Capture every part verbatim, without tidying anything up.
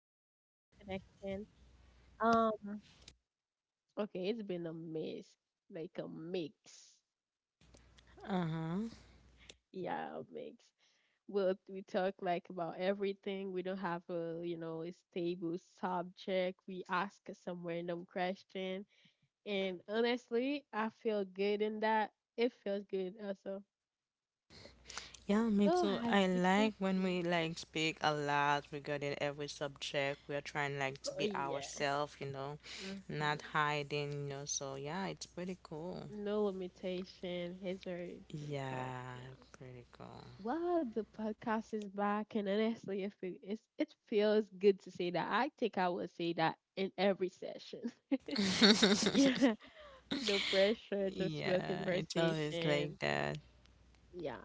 back to Color Connection. Um, okay, it's been a mix, like a mix. Uh-huh. Yeah, a mix. We'll we talk like about everything. We don't have a you know a stable subject. We ask some random question, and honestly, I feel good in that. It feels good also. Yeah, me So too. as I you can like when see, we like speak a lot regarding every subject. We are trying like to oh be yeah, ourselves, you know, not hmm hiding, you know. So yeah, it's pretty cool. no limitation. It's very pretty cool. Yeah. Yeah, pretty cool. Well, the podcast is back, and honestly, it feel, it's, it feels good to say that. I think I will say that in every session. Yeah, no pressure, just real Yeah, it's always like conversation. that. Yeah.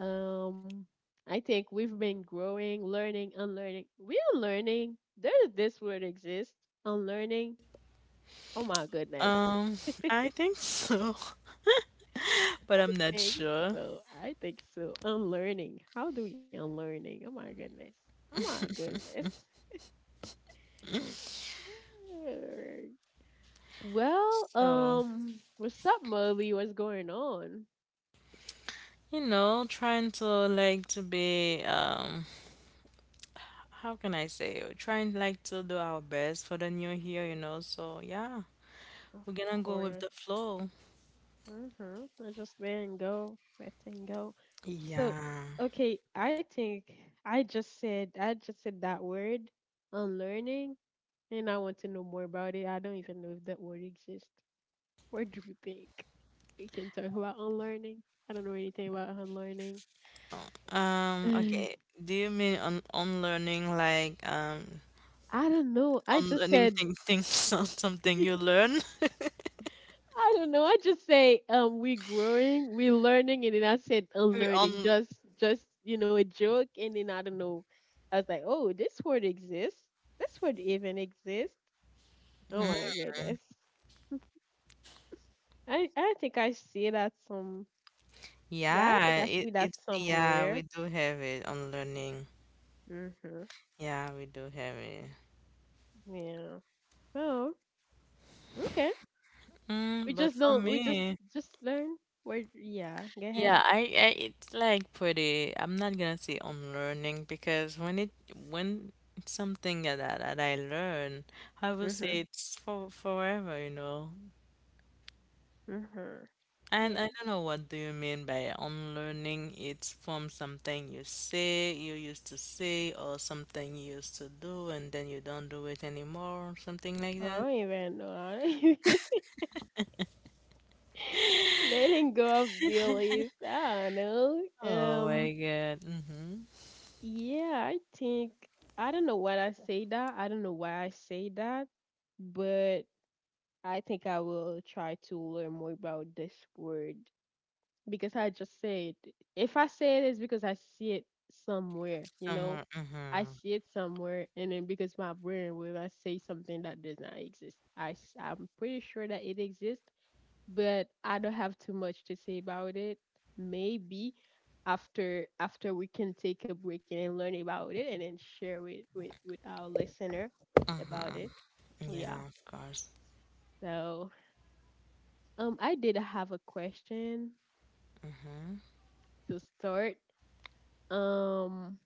Um, I think we've been growing, learning, unlearning. We are learning. There's this word exists. Unlearning. Oh my goodness. Um, I think so, but I I'm not think sure. so. I think so. Unlearning. How do we unlearning? Oh my goodness. Oh my goodness. Alright. Well, So, um, what's up, Molly? What's going on? you know, trying to like to be um how can I say, we're trying like to do our best for the new year, you know. So yeah, Of we're gonna go with course. the flow. Mm-hmm. I just letting go, letting go. So, Yeah. okay, I think I just said I just said that word, unlearning, and I want to know more about it. I don't even know if that word exists. What do you think? We can talk about unlearning. I don't know anything about unlearning. Um. Okay. Do you mean on on learning like um I don't know. I on just learning said. thing things some- something you learn? I don't know. I just say um we're growing, we're learning, and then I said We unlearning. on. Just just you know a joke, and then I don't know. I was like, oh, this word exists. This word even exists. Oh Mm. my goodness. I I think I see that some. Yeah, I think Yeah. I It see it that yeah we somewhere. do have it on learning. Mhm. Yeah, we do have it. Yeah. So okay, we Mm, but just for don't. We just me, just learn word. Yeah. Go ahead. yeah, I, I it's like pretty I'm not gonna say unlearning because when it when it's something that that that I learn, I will say Mhm. it's for forever, you know. Mhm. And Yeah. I don't know what do you mean by unlearning. It's from something you say you used to say or something you used to do and then you don't do it anymore, something like I that. don't even know. I don't. Letting go of beliefs. I don't know. Oh Um, my God. Mm-hmm. yeah, I think I don't know why I say that. I don't know why I say that, but I think I will try to learn more about this word because I just said if I say it, it's because I see it somewhere. You know, Somewhere. I Mm-hmm. see it somewhere, and then because my brain will I say something that does not exist. I s- I'm pretty sure that it exists, but I don't have too much to say about it. Maybe after after we can take a break and learn about it and then share it with with our listener about Uh-huh. it. Yeah. Yeah, of course. So, um, I did have a question Mm-hmm. to start. Um,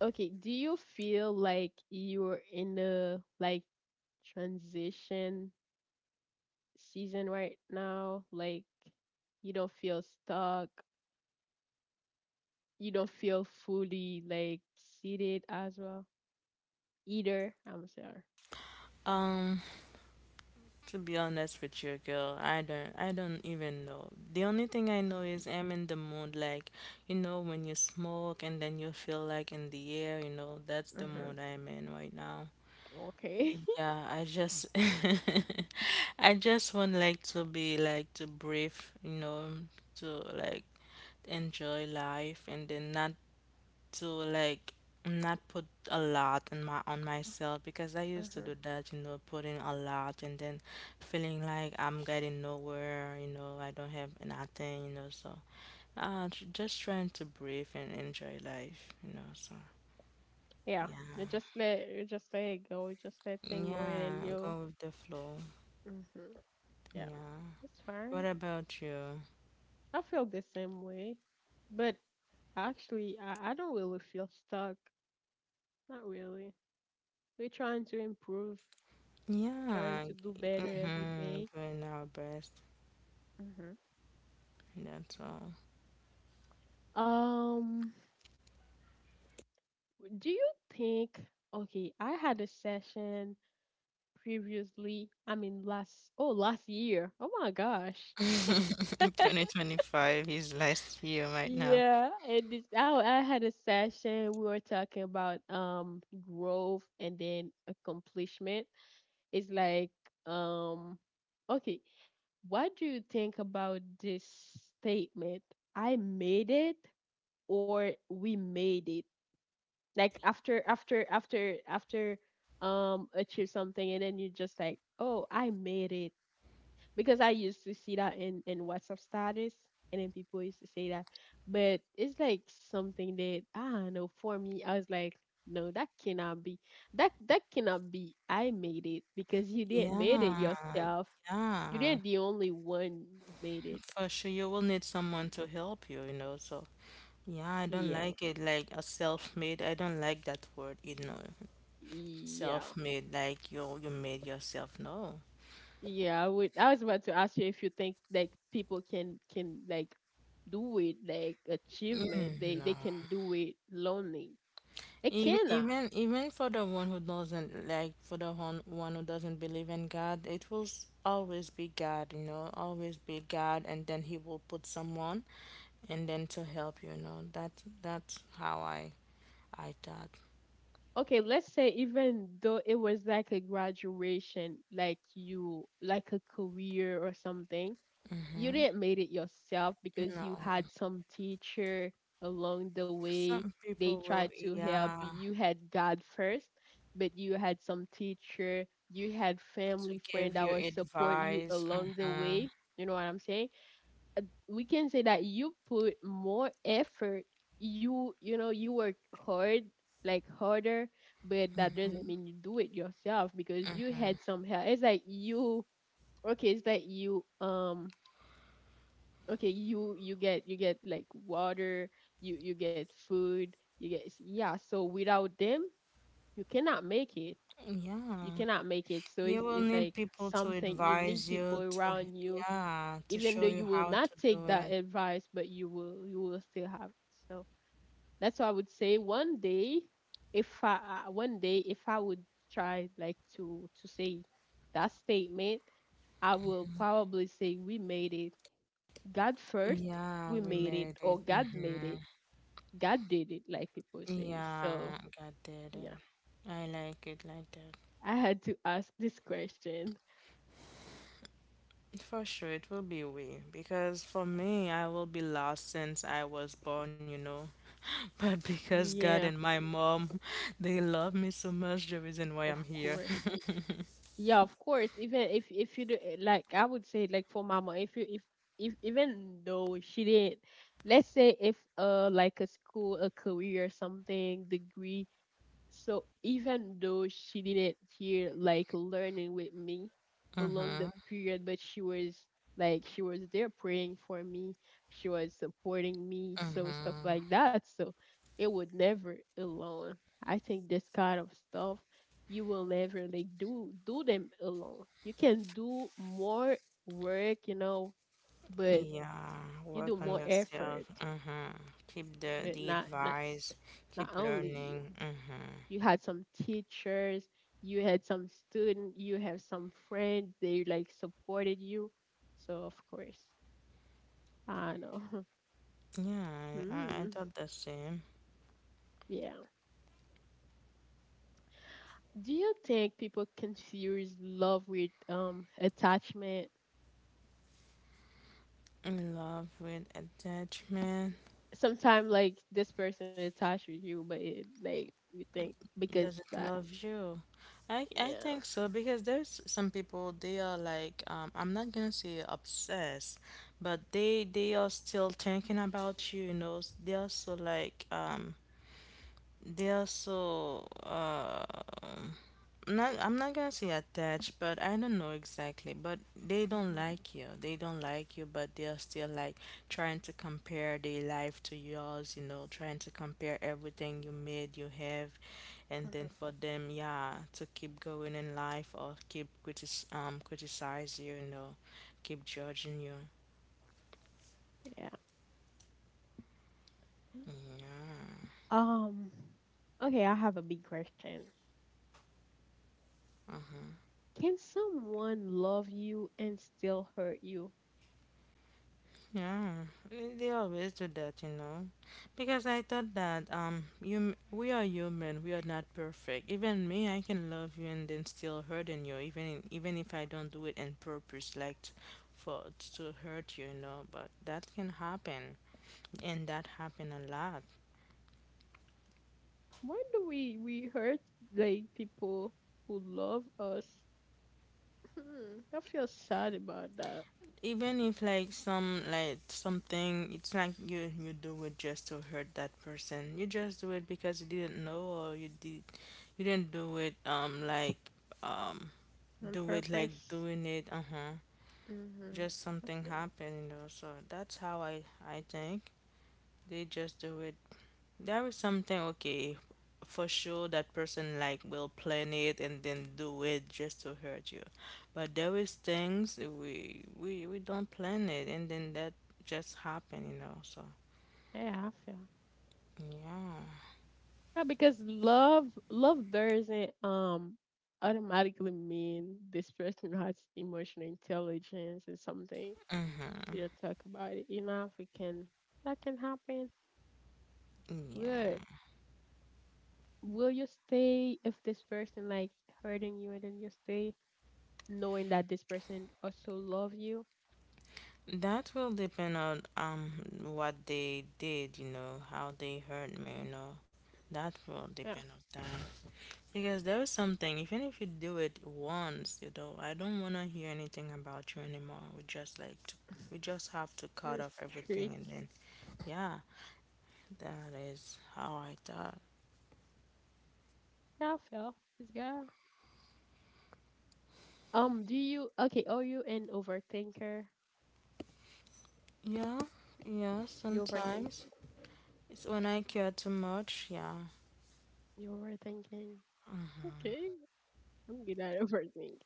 okay, do you feel like you're in a like transition season right now? Like you don't feel stuck, you don't feel fully like seated as well either. I'm sorry. Um, to be honest with you, girl, I don't I don't even know. The only thing I know is I'm in the mood like, you know, when you smoke and then you feel like in the air, you know, that's the Mhm. mood I'm in right now. Okay. Yeah, I just I just want like to be like to breathe, you know, to like enjoy life and then not to like not put a lot on my on myself because I used to Mhm. do that, you know, putting a lot and then feeling like I'm getting nowhere, you know, I don't have nothing, you know, so uh tr- just trying to breathe and enjoy life, you know, so Yeah. yeah. You just let you just let it go. You just let things go in and Yeah, you. go with the flow. Mhm. Yeah. Yeah. It's What fine. about you? I feel the same way, but actually, I I don't really feel stuck. Not really. We're trying to improve. Trying Yeah. to do better every Mm-hmm. day. Doing our best. Mhm. That's all. Um. Do you think? Okay, I had a session previously. I mean, last oh last year. Oh my gosh. twenty twenty-five is last year right now. Yeah, and this I I had a session. We were talking about um growth and then accomplishment. It's like um okay, what do you think about this statement? I made it or we made it. Like after after after after um achieve something, and then you're just like, "Oh, I made it," because I used to see that in in WhatsApp status, and then people used to say that, but it's like something that I don't know. For me, I was like, no, that cannot be. That that cannot be. I made it because you didn't made it Yeah, yourself. You yeah, didn't the only one who made it. for sure. You will need someone to help you, you know. So, yeah, I don't Yeah, like it. Like a self-made, I don't like that word, you know. yeah, Self-made, like you you made yourself. No, yeah. I would. I was about to ask you if you think like people can can like do it like achievement. mm, They no. they can do it lonely. It Even cannot. even even for the one who doesn't like, for the one one who doesn't believe in God, it will s- always be God, you know. Always be God, and then He will put someone, and then to help you, you know. That that's how I I thought. Okay, let's say even though it was like a graduation, like you, like a career or something, you didn't made it yourself because you No. had some teacher along the way. Some They people will, tried to help yeah, you. You had God first, but you had some teacher. You had to family friend give that you will support you advice. along the Hmm. way. You know what I'm saying? Uh, we can say that you put more effort, you you know you work hard, like harder, but that doesn't mean you do it yourself because you had some help. It's like you, okay, it's like you, um okay, you you get, you get like water, you you get food, you get, yeah, so without them you cannot make it, you Yeah. cannot make it. So You it's, will it's need like people to something you need advise people you to, around you, yeah, to even though show you you will how not to take do that it. advice, but you will you will still have it. So that's why I would say one day, if I I- one day if I would try like to to say that statement, I will probably say we made it. God first, Yeah, we we made it, made it. or God made Mm-hmm. it. God did it, like people say. Yeah, So God did it. yeah, I like it like that. I had to ask this question. For sure, it will be we. Because for me, I will be lost since I was born, you know. But because God Yeah, and my mom, they love me so much, the reason of why I'm here. course. Yeah, of course. Even if if you do, like, I would say like for mama, if you if if even though she didn't, let's say if uh like a school, a career, something degree, so even though she didn't hear like learning with me along the Mm-hmm. period, but she was like she was there praying for me, she was supporting me, so stuff like that. So it would never alone. I think this kind of stuff you will never like do do them alone. You can do more work, you know, but Yeah, you work do on more yourself. effort, Mm-hmm. Keep the but the not not advice. not Keep only you. learning. Mm-hmm. You had some teachers, you had some student, you have some friends, they like supported you. So of course, I know. Yeah, I, I Hmm. thought the same. Yeah. Do you think people confuse love with um attachment? In love with attachment Sometimes like this person attached with you, but it, like you think because does it that, love you. I I yeah. think so because there's some people they are like um I'm not gonna say obsessed, but they they are still thinking about you. You know, they are so like um they are so. Uh, not I'm not gonna say attached, but I don't know exactly. But they don't Mhm. like you. They don't like you, but they're still like trying to compare their life to yours, you know, trying to compare everything you made, you have, and Mhm. then for them, yeah, to keep going in life or keep critic um criticize you, you know, keep judging you. Yeah. Yeah. Um. Okay, I have a big question. Uh-huh. Can someone love you and still hurt you? Yeah, eh, they always do that, you know, because I thought that um, you we are human, we are not perfect. Even me, I can love you and then still hurting you, even in, even if I don't do it in purpose, like t- for to hurt you, you know. But that can happen, and that happen a lot. Why do we we hurt like people who love us? Hmm, I feel sad about that. Even if like some like something, it's like you you do it just to hurt that person. You just do it because you didn't know, or you did you didn't do it um like. um On do it like purpose. doing it uh-huh Mhm. just I something feel. happened you know so that's how i i think they just do it there is something okay for sure that person like will plan it and then do it just to hurt you but there is things we we we don't plan it and then that just happen you know so Yeah, I feel. yeah. Yeah, because love love doesn't um automatically mean this person has emotional intelligence or something. Mm-hmm. We don't talk about it enough. It can that can happen. Yeah. But will you stay if this person like hurting you and then you stay? Knowing that this person also love you. That will depend on um what they did, you know, how they hurt me, you know. That will Yeah, depend on that. Because there is something, even if you do it once, you know, I don't wanna hear anything about you anymore. We just like to, we just have to cut it's off trick. everything and then yeah, that is how I thought. Yeah, Phil, this guy. Um, do you okay? Are you an overthinker? Yeah, yeah, You overthink. sometimes. It's when I care too much, yeah. You overthinking. Okay, I'm good at overthinking.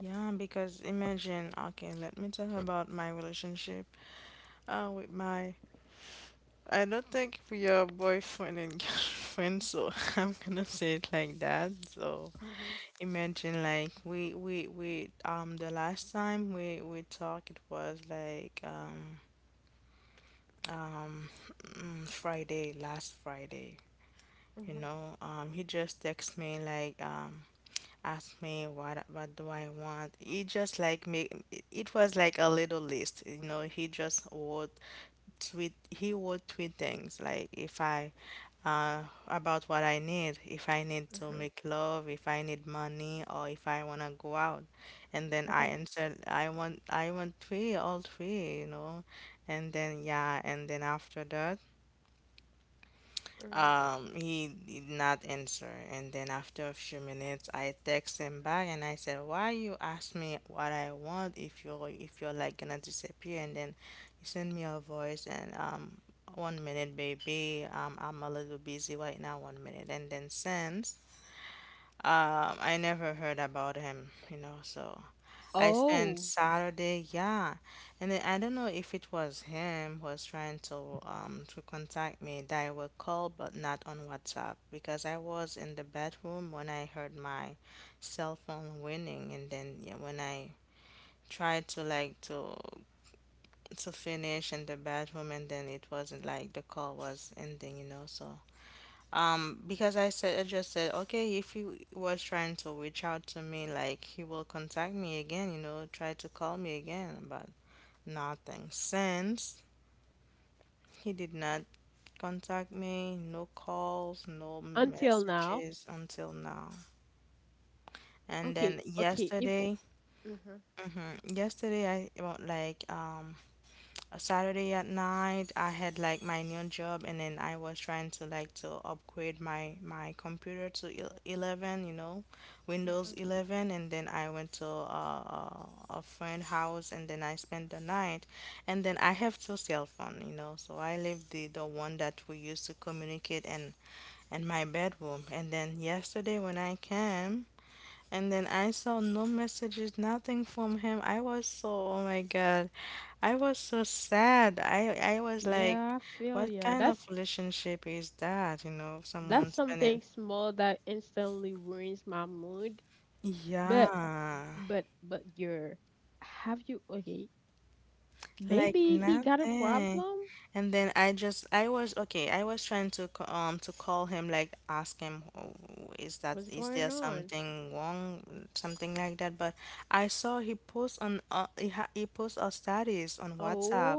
Yeah, because imagine, okay, let me talk about my relationship uh, with my I don't think we are boyfriend and girlfriend, so I'm gonna say it like that. So Mhm, imagine like we we we um the last time we we talked it was like um um mm, Friday, last Friday. You mhm, know, um he just texted me like um asked me what what do I want. He just like make it was like a little list. You know, he just wrote tweet he would tweet things like if I uh about what I need, if I need to mhm. make love, if I need money, or if I wanna go out. And then I Okay. answered I want I want three, all three, you know. And then yeah, and then after that Mhm. um, he did not answer, and then after a few minutes, I text him back and I said, "Why you ask me what I want if you're if you're like gonna disappear?" And then he sent me a voice and um, one minute, baby, um, I'm a little busy right now. One minute, and then since um, I never heard about him, you know, so I spent Oh, Saturday, yeah. And then I don't know if it was him who was trying to um to contact me direct call but not on WhatsApp because I was in the bedroom when I heard my cell phone ringing and then yeah, when I tried to like to to finish in the bedroom and then it wasn't like the call was ending, you know. So um, because I said I just said, okay, if he was trying to reach out to me, like he will contact me again, you know, try to call me again, but nothing. Since he did not contact me, no calls, no until now. messages until now. And Okay, then okay. If. yesterday, Mhm, hmm yesterday I well, like um a Saturday at night. I had like my new job, and then I was trying to like to upgrade my my computer to el- eleven, you know, Windows mhm. eleven, and then I went to a a friend house, and then I spent the night, and then I have two cell phone, you know, so I leave the the one that we used to communicate in in my bedroom, and then yesterday when I came. And then I saw no messages, nothing from him. I was so, oh my God. I was so sad. I I was like, Yeah, I feel, what yeah. kind of That's relationship is that? You know, that's someone spending. something small that instantly ruins my mood. But Yeah. But but you're have you okay? Like Maybe he got a nothing. problem. And then I just I was okay, I was trying to c- um to call him like ask him, "Oh, is that What's is going there on? something wrong something like that," but I saw he post on uh, he, ha he post a status on WhatsApp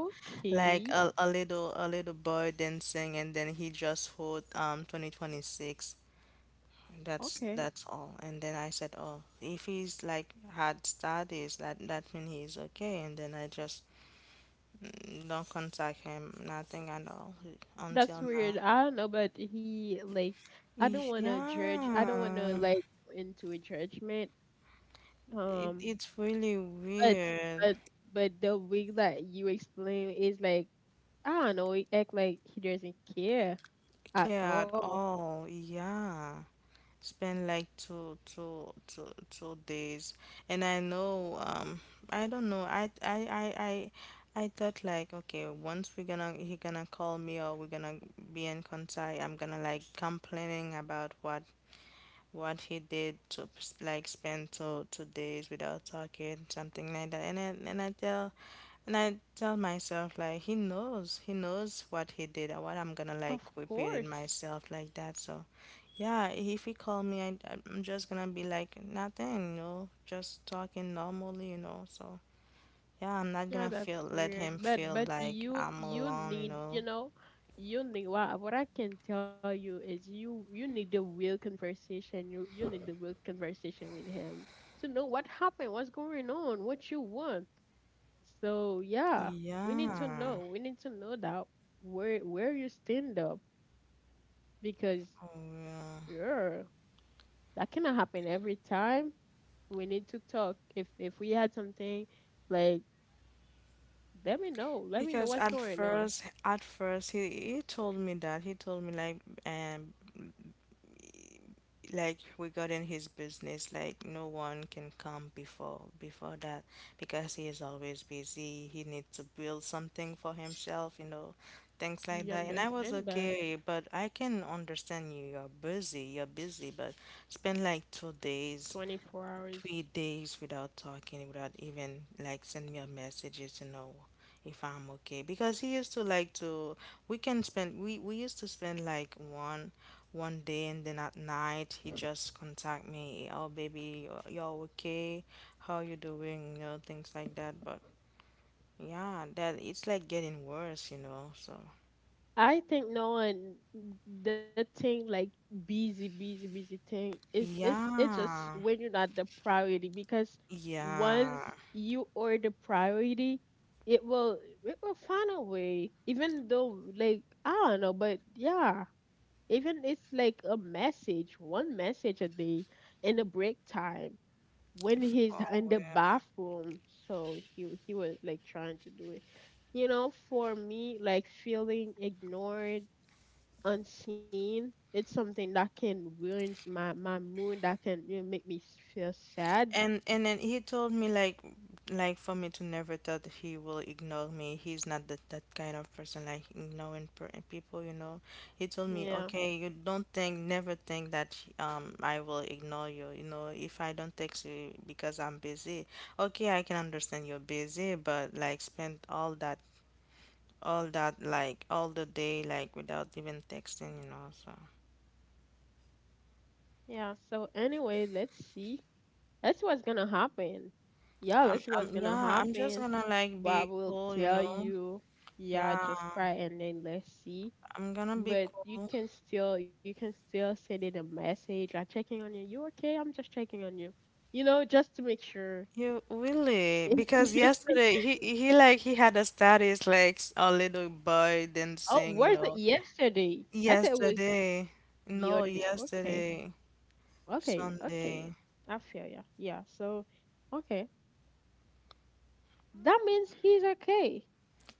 like a, a little a little boy dancing and then he just wrote um twenty twenty-six, that's okay, that's all. And then I said, "Oh, if he's like had studies, that that means he's okay." And then I just don't contact him, nothing at all that's until now. weird. I don't know, but he like, I don't want to judge. I don't want to Yeah, like go into a judgment. it, Um, it's really but weird. but but the way that you explain is like I don't know. He act like he doesn't care at Care at all. all? Yeah. Spend like two, two, two, two days, and I know. Um, I don't know. I, I, I, I, I thought like, okay, once we're gonna, he gonna call me or we're gonna be in contact. I'm gonna like complaining about what what he did to like spend two two days without talking, something like that. And I, and I tell and I tell myself like he knows, he knows what he did and what I'm gonna like Of repeat it course. myself like that. So yeah, if he call me, I I'm just gonna be like nothing, you know, just talking normally, you know. So yeah, I'm not Yeah, gonna feel that's let weird. him But feel but like you I'm you alone, you need, you know. know, you need what what I can tell you is you you need the real conversation. You you need the real conversation with him to know what happened, what's going on, what you want. So yeah, we need to Yeah. know. We need to know that where where you stand up, because Oh, yeah. girl, that cannot happen every time. We need to talk. If if we had something like, let me know. Let me know Because what's at going on. first, at first, he, he told me that he told me like um like regarding his business, like no one can come before before that because he is always busy. He needs to build something for himself, you know, things like We that. And I was understand that okay, but I can understand you. You're busy. You're busy, but spend like two days twenty-four hours. three days without talking, without even like send me a messages to know if I'm okay. Because he used to like to we can spend we, we used to spend like one one day and then at night he just contact me, oh baby, you're you're okay, how you doing, you know, things like that. But yeah, that it's like getting worse, you know, so I think no one, the thing like busy, busy, busy thing is, it's it's just yeah. when you're not the priority, because once Yeah. you are the priority, it will it will find a way. Even though like I don't know, but yeah. Even it's like a message, one message a day in a break time, when he's For in the real. bathroom. So he he was like trying to do it. You know, for me, like feeling ignored, unseen, it's something that can ruin my my mood. That can, you know, make me s- feel sad. And and then he told me like like for me to never thought that he will ignore me. He's not that that kind of person like ignoring per- people, you know. He told me, Yeah, "Okay, you don't think never think that um I will ignore you, you know, if I don't text you because I'm busy. Okay, I can understand you're busy, but like spend all that all that like all the day like without even texting, you know. So, yeah. So anyway, let's see. That's what's gonna happen. Yeah, I'm let's see what's I'm gonna yeah, I'm just happen. gonna like But I be will cool, you tell know. you. Yeah, Yeah. just cry and then let's see. I'm gonna be But you cool. can still you can still send it a message. I'm checking on you. You okay? I'm just checking on you. You know, just to make sure. You really? Because yesterday he he like he had a status like s- a little boy Oh, dancing, you where's it know. yesterday? I thought it was Yesterday. the other day. No, Okay, yesterday. okay, okay. Sunday. I feel ya. Yeah. So, okay, that means he's okay.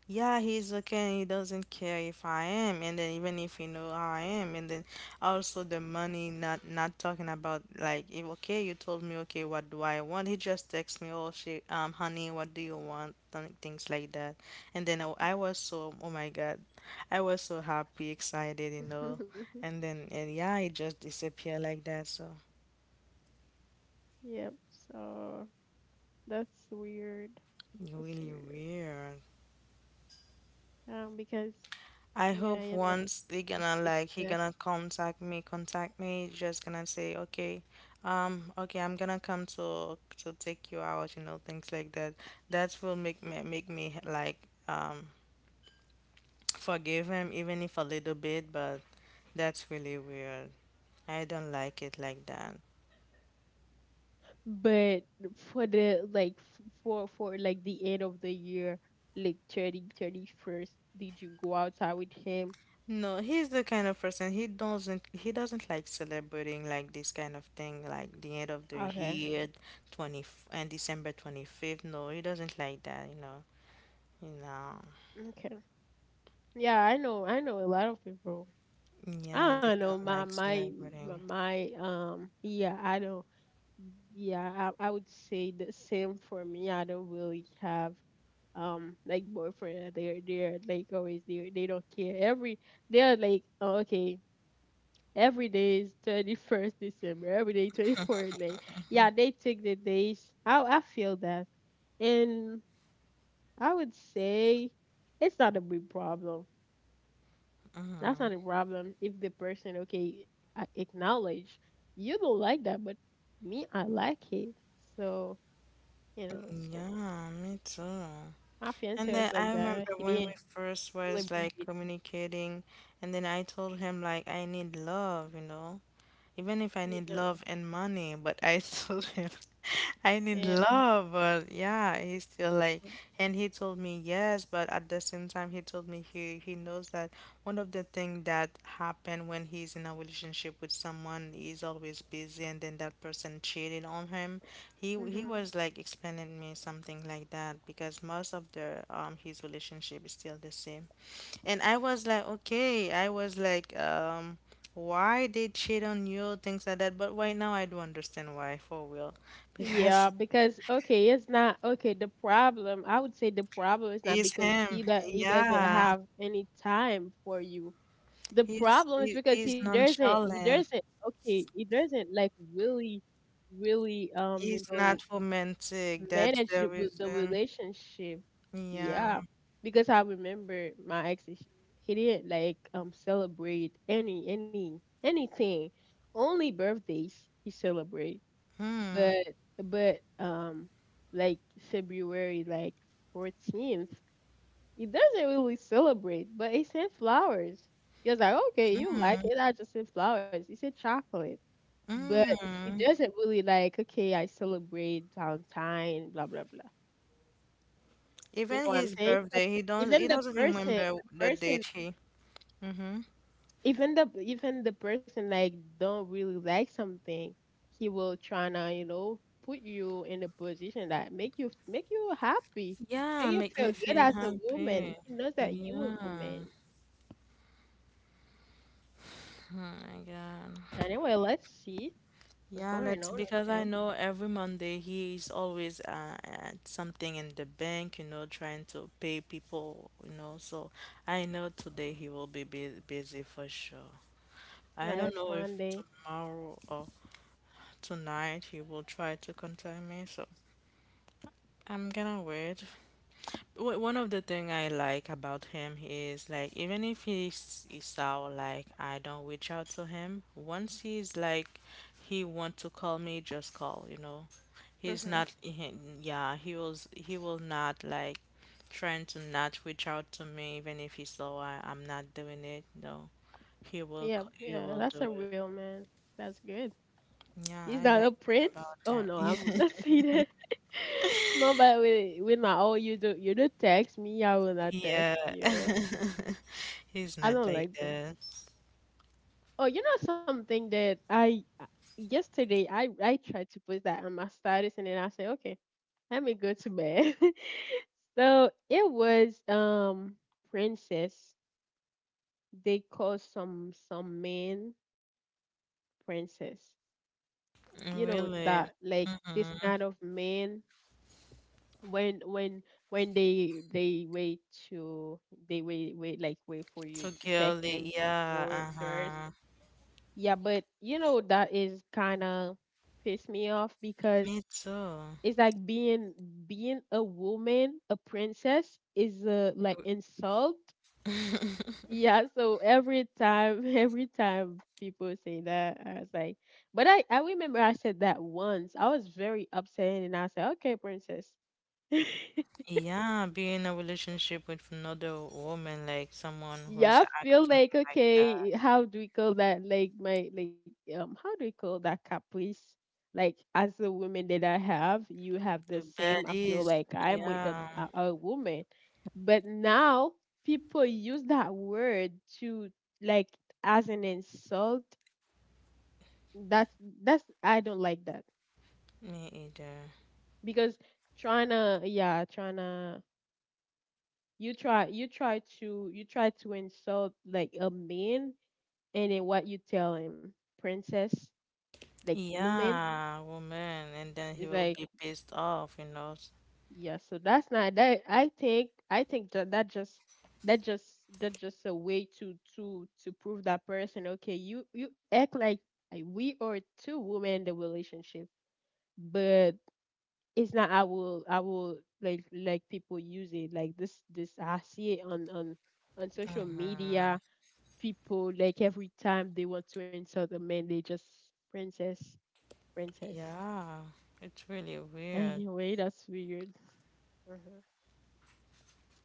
Yeah, he's okay. He doesn't care if I am, and then even if he know how I am, and then also the money. Not not talking about like if okay, you told me okay, what do I want? He just texts me, oh she um honey, what do you want? Th- Things like that, and then I, I was so oh my god, I was so happy, excited, you know, and then and yeah, he just disappeared like that. So Yep. So that's weird. That's really weird. weird. Um, because I yeah, hope you know, once they how to gonna fix. like he gonna contact me, contact me, just gonna say, okay, um, okay, I'm gonna come to to take you out, you know, things like that. That will make me make me like um forgive him even if a little bit, but that's really weird. I don't like it like that. But for the like f- for for like the end of the year, like thirty, thirty-first, did you go outside with him? No, he's the kind of person he doesn't he doesn't like celebrating like this kind of thing like the end of the Okay. year, twenty and December twenty-fifth. No, he doesn't like that, you know. You know, Okay. Yeah, I know. I know a lot of people. I yeah, don't they know. don't My like my my, celebrating. my um yeah, I don't, yeah, I, I would say the same for me. I don't really have um like boyfriend. They're they're like always, they they don't care. Every They're like, oh, okay, every day is twenty-first December, every day twenty-fourth day. Yeah, they take the days. I I feel that. And I would say it's not a big problem. That's not a problem if the person, okay, a- acknowledge you don't like that, but me, I like it. So you know, so Yeah, me too. my fiance And was then like I that. remember He when we didn't first was like celebrate. communicating, and then I told him like I need love, you know. Even if I Yeah, need love and money, but I told him I need yeah, love, but yeah, he's still of like, course. and he told me yes, but at the same time, he told me he he knows that one of the things that happen when he's in a relationship with someone, he's always busy, and then that person cheated on him. He he Mm-hmm. was like explaining me something like that because most of the um his relationship is still the same. And I was like, okay, I was like, um, why they cheat on you, things like that. But right now, I do understand why for real, Yeah, because because okay, it's not okay. The problem, I would say, the problem is not he's because him. he that he doesn't Yeah, have any time for you. The he's problem is he, because he he's doesn't he doesn't nonchalant. okay, he doesn't like really, really, um you He's know not romantic. That's manage the the, with the reason. relationship. Yeah. Yeah, because I remember my ex is- he didn't like um celebrate any any anything. Only birthdays he celebrate, Mm, but but um like February, like fourteenth, it doesn't really celebrate but it sent flowers. He was like, okay, you like mm, it, I just sent flowers, he said chocolate. But he mm. doesn't really like, okay, I celebrate Valentine blah blah blah. You Even know what I'm his saying, so birthday, he don't even he the doesn't even person remember the the person date he. Mm-hmm. even the even the person, like, don't really like something. He will try to you know put you in a position that make you make you happy, Yeah, make you make feel me good feel as a happy. woman. He knows that you a woman. Yeah. Oh my God. Anyway, let's see what's Yeah, going let's. on with Because I him. know every Monday he is always uh, at something in the bank, you know, trying to pay people, you know. So I know today he will be bu- busy for sure. Yeah, I it's don't know if Monday. tomorrow or tonight he will try to contact me, so I'm gonna wait. Wh- One of the thing I like about him is like even if he's he sound like I don't reach out to him, once he's like he want to call me, just call, you know. He's Mhm. not he, yeah, he was he will not like trying to not reach out to me even if he saw I, I'm not doing it. No. He will Yeah, c- he yeah, will that's do a it. real man. That's good. Yeah, He's I not a like that prince. about Oh no, I'm would him. not say that. No, but we we not. Oh, you do you do text me. I will not Yeah. text you. He's I not don't like like them. that. Oh, you know something that I uh, yesterday I I tried to put that on my status and then I said, okay, let me go to bed. So it was, um princess. They call some some men princess. You know Really? that, like, this Mm-hmm. kind of men, when when when they they wait to, they wait wait like wait for you So to text them girly, yeah, for first. uh-huh. Yeah, but you know, that is kind of pissed me off Me because too. it's like being being a woman, a princess is a, like, insult. Yeah, so every time every time people say that, I was like, but I I remember I said that once. I was very upset and I said, "Okay, princess." Yeah, being in a relationship with another woman, like someone who Yeah, is I feel acting like, like okay, that. how do we call that? Like my, like, um how do we call that, caprice? Like as a woman that I have, you have the That same. I feel is, like I'm with a, yeah, a, a woman. But now people use that word to, like, as an insult. That's that's I don't like that. me either. Because trying to, yeah, trying to you try you try to you try to insult, like, a man, and then what you tell him, princess, like, woman, Yeah, woman, and then he is will like, be pissed off, you know. yeah. So that's not that. I think I think that, that just that just that just a way to to to prove that person. Okay, you you act like, uh, we are two women in the relationship, but it's not. I will I will, like like people use it like this this, I see it on on on social Mm-hmm. media. People, like, every time they want to insult a man, they just princess, princess. Yeah, it's really weird. Anyway, that's weird. Hmm.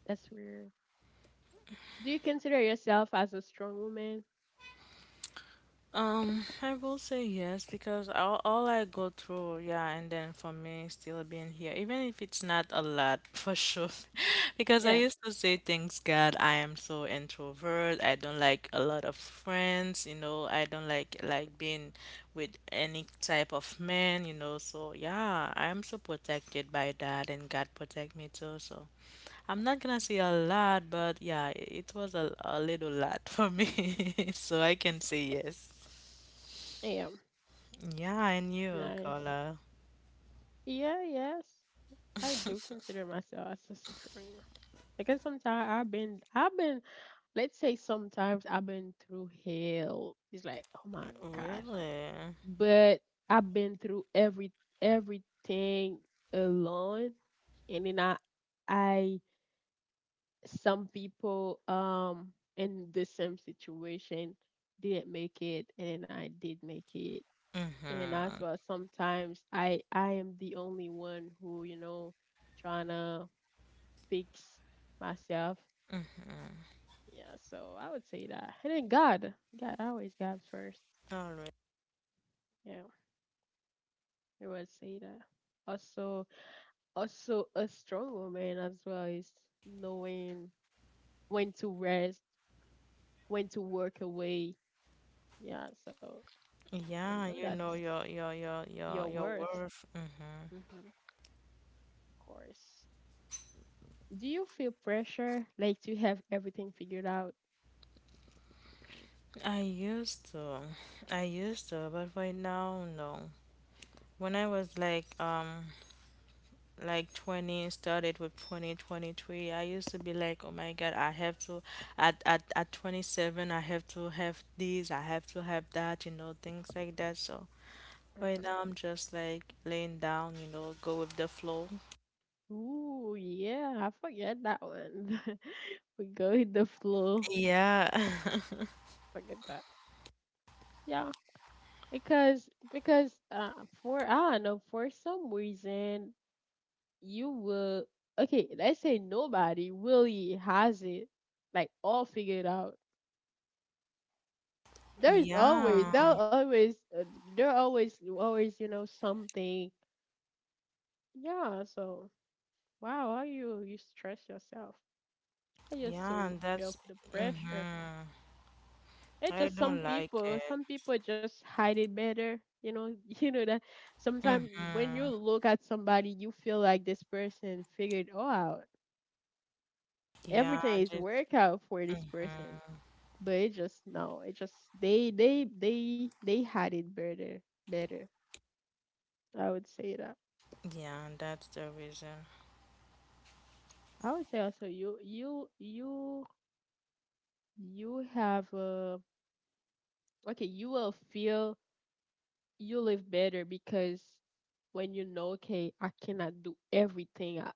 That's weird. Do you consider yourself as a strong woman? Um, I will say yes because all, all I go through, yeah, and then for me still being here, even if it's not a lot for sure, because I Yeah, used to say, thanks God, I am so introvert. I don't like a lot of friends, you know. I don't like like being with any type of man, you know. So yeah, I'm so protected by that, and God protect me too. So I'm not gonna say a lot, but yeah, it was a, a little lot for me, so I can say yes. I am. Yeah, I knew, Nice. Carla. Yeah, yes. I do consider myself as a strong. Because sometimes I've been, I've been, let's say sometimes I've been through hell. It's like, oh my gosh. Really? But I've been through every everything alone, and then I, I some people, um in the same situation, didn't make it and I did make it. And as Mm-hmm. well sometimes I I am the only one who, you know, trying to fix myself. Mm-hmm. Yeah, so I would say that. And then God. God always, God first. All right. Yeah. I would say that. Also also, a strong woman as well is knowing when to rest, when to work away. Yeah, so you Yeah, know, you that's know your your your your your your worth. worth. Mm-hmm. Hmm. Of course. Do you feel pressure, like to have everything figured out? I used to, I used to, but right now, no. When I was like um like twenty, started with twenty twenty three. I used to be like, oh my God, I have to at at at twenty-seven, I have to have this, I have to have that, you know, things like that. So right Uh-huh. now, I'm just like laying down, you know, go with the flow. Ooh, yeah, I forget that one. We go with the flow. Yeah. Forget that. Yeah, because because uh, for, I don't know, for some reason, you will, okay. Let's say nobody really has it, like, all figured out. there's always Yeah. there are always uh, there are always always you know something, yeah, so wow, how you you stress yourself. I used Yeah, to and feel that's the pressure. mm-hmm. It's I just some don't like people, it. some people just hide it better you know You know that sometimes when you Mm-hmm. look at somebody you feel like this person figured all out, Yeah, everything is just work out for this person, mm-hmm. but it just, no, it just they they they they hide it better better, I would say that. Yeah, and that's the reason. I would say also, you you you you have a, okay, you will feel, you live better because when you know, okay, I cannot do everything, I,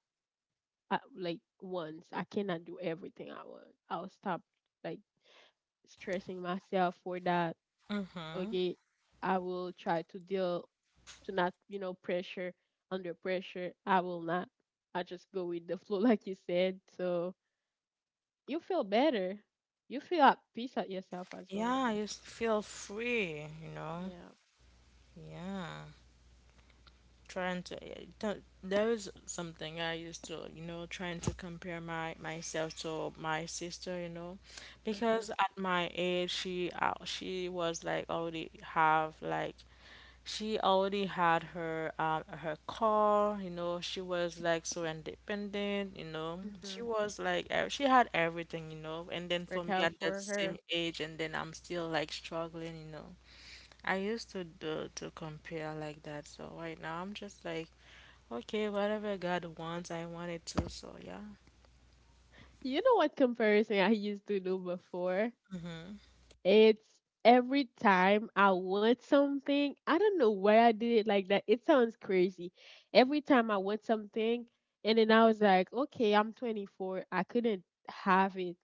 I, like once I cannot do everything I want, I'll stop, like, stressing myself for that. Mm-hmm. Okay, I will try to deal, to not, you know pressure, under pressure I will not, I just go with the flow like you said. So you feel better, you feel at peace at yourself as well. Yeah, you just feel free, you know. Yeah. Yeah. Trying to eh, th- there is something I used to you know trying to compare my myself to my sister you know because Mhm. at my age she uh, she was like already have like she already had her um her car you know she was like so independent you know she Mhm. was like ev- she had everything you know and then for Work me out at that for same her. age and then I'm still like struggling you know I used to do to compare like that so right now I'm just like okay, whatever God wants, I want it too, so yeah. You know what comparison I used to do before? Mm-hmm. It's every time I want something. I don't know why I did it like that. It sounds crazy. Every time I want something, and then I was like, okay, I'm twenty-four. I couldn't have it.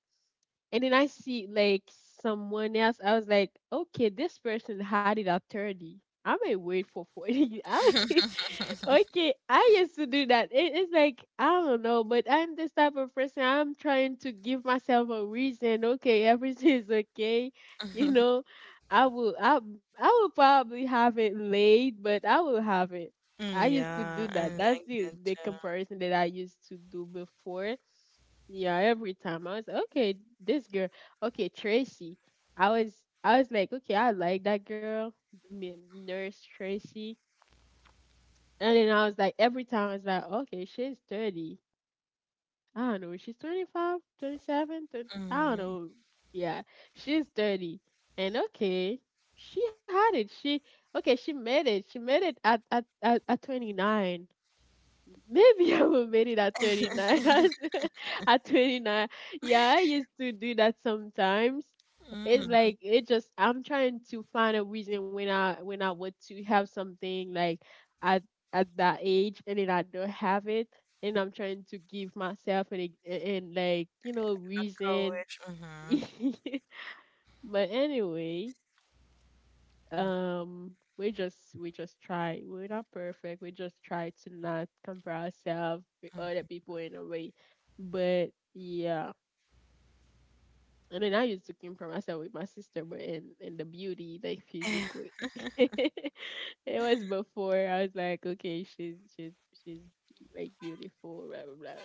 And then I see, like, someone else. I was like, okay, this person had it at thirty. I may wait for forty. I may- okay, I used to do that. It, it's like, I don't know, but I'm this type of person. I'm trying to give myself a reason. Okay, everything is okay. You know, I will, I, I will probably have it late, but I will have it. I used to do Yeah, I that. That's like the, that the too. comparison that I used to do before. Yeah, every time I was like, okay, this girl, okay, Tracy. I was I was like, okay, I like that girl, m- nurse Tracy. And then I was like, every time I was like, okay, she's thirty. I don't know, she's twenty-five, twenty-seven, thirty, I don't Mm-hmm. know. Yeah, she's thirty. And okay, she had it. She okay, she made it. She made it at at at, at twenty-nine. Maybe I will made it at twenty-nine. at twenty-nine. Yeah, I used to do that sometimes. It's Mm-hmm. like, it just, I'm trying to find a reason when I when I want to have something like at at that age and then I don't have it, and I'm trying to give myself, and and like, you know, reason. Courage. Mm-hmm. But anyway, um we just we just try, we're not perfect, we just try to not compare ourselves with other people in a way, but yeah. And then I used to compare myself with my sister, but in in the beauty, like, Mm-hmm. physically. It was before, I was like, okay, she's she's she's like beautiful blah blah blah.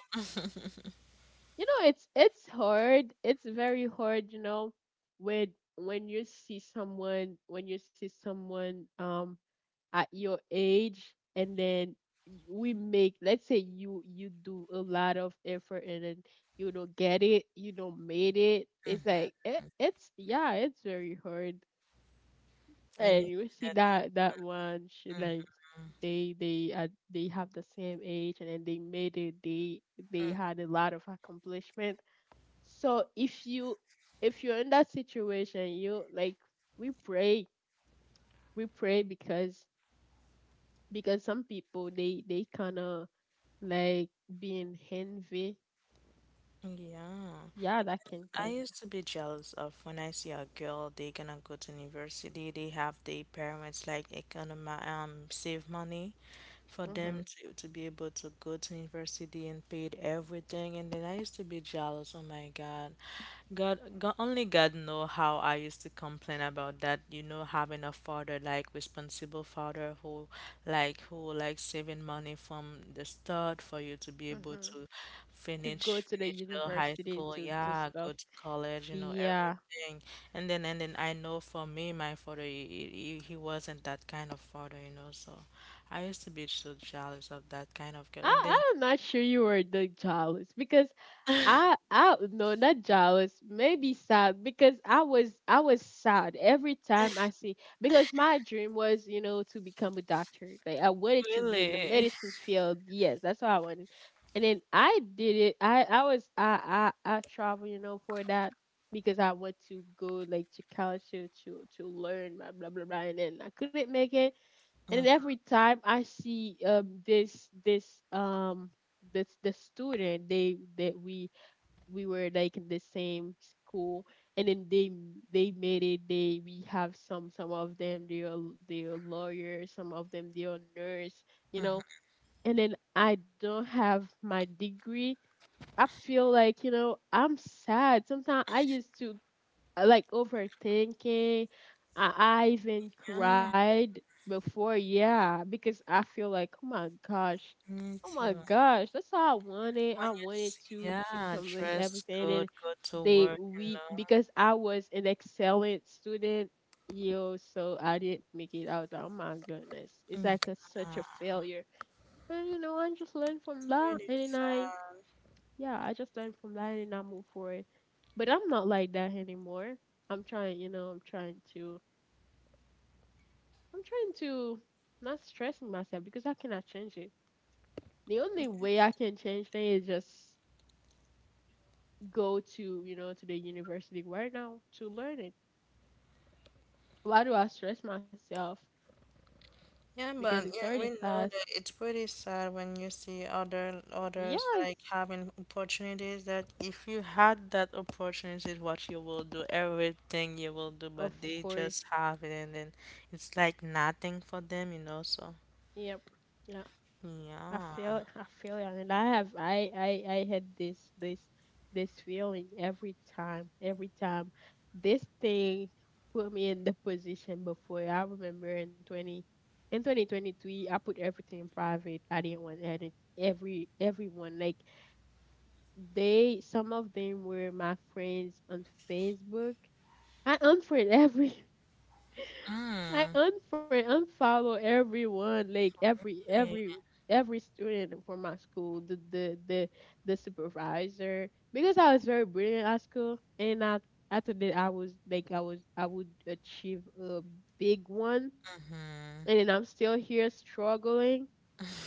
You know, it's it's hard, it's very hard you know when when you see someone, when you see someone um at your age, and then y- we make, let's say you you do a lot of effort and then you don't get it, you don't made it, it's like, it, it's yeah, it's very hard. And you And you see see that. that, that one she like, Mm-hmm. Mm-hmm. they they uh, they have the same age and then they made it, they they had a lot of accomplishment. So if you if you're in that situation, you like, we pray, we pray, because because some people, they they kind of like being envy. Mm-hmm. Yeah. Yeah, that can I cause used to be jealous of when I see a girl, they gonna go to university, they have their parents like economy, um, save money for them hmm to, to be able to go to university and paid everything. And then I used to be jealous, oh my God. God Go- only God know how I used to complain about that, you know, having a father like responsible father who like who like saving money from the start for you to be able hmm to to go finish to the finish your high university school, to do yeah, stuff. go to college, you know, Yeah, everything. And then and then I know for me, my father he, he, he wasn't that kind of father, you know, so I used to be so jealous of that kind of girl. And then I I'm not sure you were the jealous because I I no not jealous, maybe sad because I was I was sad every time I see because my dream was you know to become a doctor like I wanted to be in really, the medicine field, yes, that's what I wanted. And then I did it. I I was I I I travel you know for that because I went to go like to college to to, to learn blah blah blah blah, and then I couldn't make it. And then every time I see um this this um this the student they that we we were like in the same school, and then they they made it. They We have some some of them, they are they are lawyers, some of them they are nurse, you know. And then I don't have my degree. I feel like, you know, I'm sad. Sometimes I used to uh, like overthinking. i, I even yeah, cried before, yeah, because I feel like, oh my gosh. me Oh my too. gosh, that's how I wanted. When I you wanted see, to to yeah, complete dress everything. good, And go to they work, you we, know. because I was an excellent student, yo, so I didn't make it. I was like, oh my goodness, it's like a, such a failure. And you know, I just learned from that, Pretty and then I, sad. yeah, I just learned from that, and then I moved forward. But I'm not like that anymore. I'm trying, you know, I'm trying to, I'm trying to not stressing myself because I cannot change it. The only way I can change things is just go to, you know, to the university right now to learn it. Why do I stress myself? Yeah, because but it's yeah, already we past. know that it's pretty sad when you see other Yeah, others like it's, having opportunities that if you had that opportunity, is what you will do, everything you will do, of but they course. just have it and then it's like nothing for them, you know. So Yep. Yeah, i yeah, feel i feel it, and I have I I I had this this this feeling. Every time, every time this thing put me in the position before. I remember in twenty, in twenty twenty-three, I put everything in private. I didn't want any every everyone, like, they, some of them were my friends on Facebook. I unfriend every I mm. unfriend, unfollow everyone, like every Yeah, every every student from my school, the the the, the supervisor, because I was very brilliant at school, and I I thought that I was like I was I would achieve a big one, and then I'm still here struggling.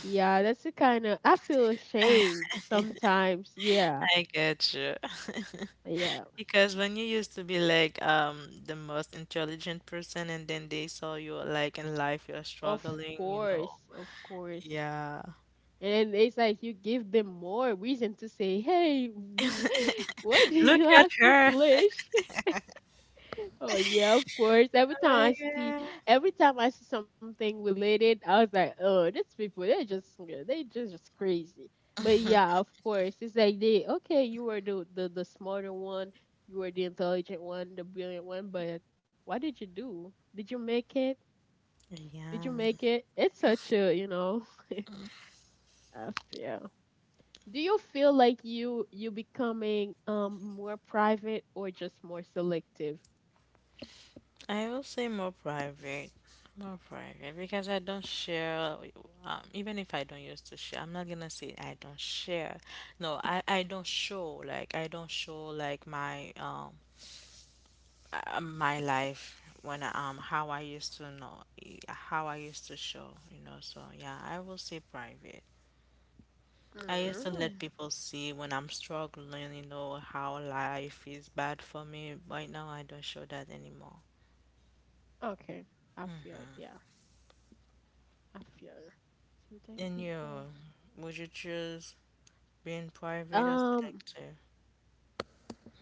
Yeah, that's the kind of, I feel ashamed sometimes. Yeah. I get you. Yeah. Because when you used to be like um the most intelligent person and then they saw you like in life you're Of struggling, you course, know. of course. Yeah. And it's like you give them more reason to say, hey, wh- what do Look you at her. accomplish? Oh yeah, of course. Every Oh time my I see, God. every time I see something related, I was like, oh, these people, they're just, yeah, they just, just crazy. But yeah, of course, it's like they, okay, you were the, the the smarter one, you were the intelligent one, the brilliant one, but what did you do? Did you make it? Did you Yeah. make it? It's such a, you know, F, yeah. Do you feel like you you becoming um more private or just more selective? I will say more private. More private because I don't share um, even if I don't used to share, I'm not gonna say I don't share. No, I, I don't show like I don't show like my um uh, my life when I, um how I used to know uh, how I used to show you know so yeah I will say private I used to let Mm, people see when I'm struggling you know how life is bad for me right now I don't show that anymore okay, I feel, yeah, I feel. Something and you people. would you choose being private or Um, selective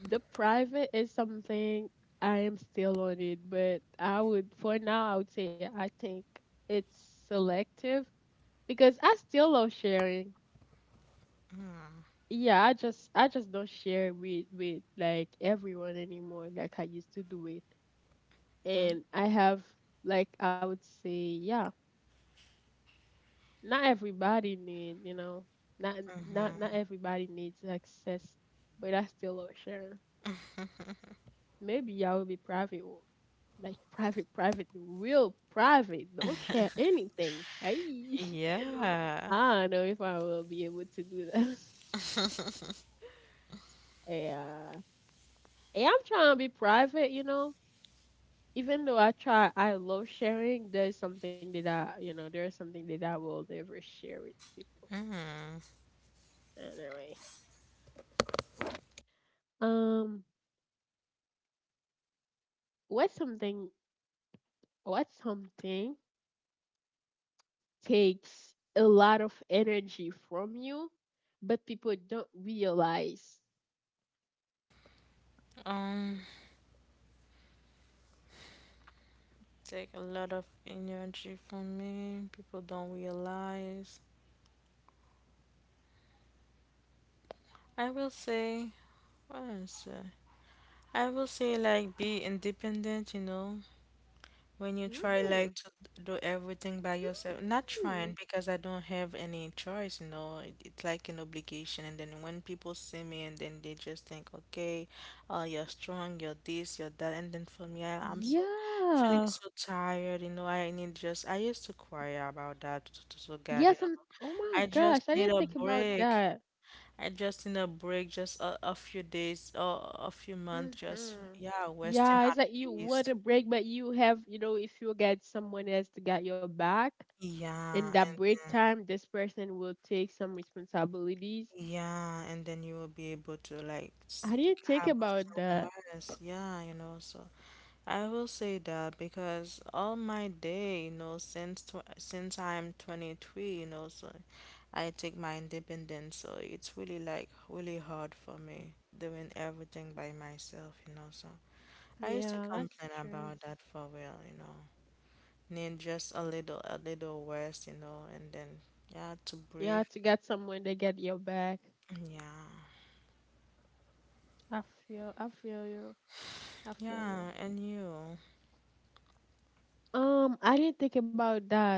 the private is something I am still on it, but I would for now I would say I think it's selective because I still love sharing. Yeah, I just I just don't share with with like everyone anymore like I used to do it. And I have, like I would say, yeah, not everybody need, you know, not, not not mm-hmm. everybody needs access, but that's still not sharing. Maybe I will be private, or like private, private, real private. Don't share anything. Hey, Yeah I don't know if I will be able to do that. Yeah, and I'm trying to be private, you know. Even though I try, I love sharing. There's something that I, you know, there's something that I will never share with people. mm. Anyway, um, what something what something takes a lot of energy from you, but people don't realize? Um take a lot of energy from me people don't realize I will say yes, uh, I will say like be independent, you know, when you try like Hmm. to do everything by yourself. Not Hmm. trying because I don't have any choice, you know. It, it's like an obligation. And then when people see me and then they just think, okay, uh, you're strong, you're this, you're that. And then for me, I, I'm so feeling Yeah. so tired, you know. I need just, I used to cry about that to, to, to God, you Yes. know. I'm, oh my I just gosh, I need didn't a think about break. that. I just in a break, just a, a few days or a few months, just Mm-hmm. yeah, resting Yeah, it's at like you peace. want a break, but you have, you know, if you get someone else to get your back Yeah, in that break and time, this person will take some responsibilities. yeah, and then you will be able to like s- I didn't think have about some that. rest. Yeah, you know. So I will say that because all my day, you know, since tw since I'm twenty-three, you know, so I take my independence. So it's really like really hard for me doing everything by myself, you know. So. I used to Yeah, that's complain true. about that for real, you know. Need just a little, a little worse, you know, and then yeah, to You have breathe. to get someone to get your back. Mm, yeah, I feel I feel you. I feel you. yeah, and you. Um, I didn't think about that.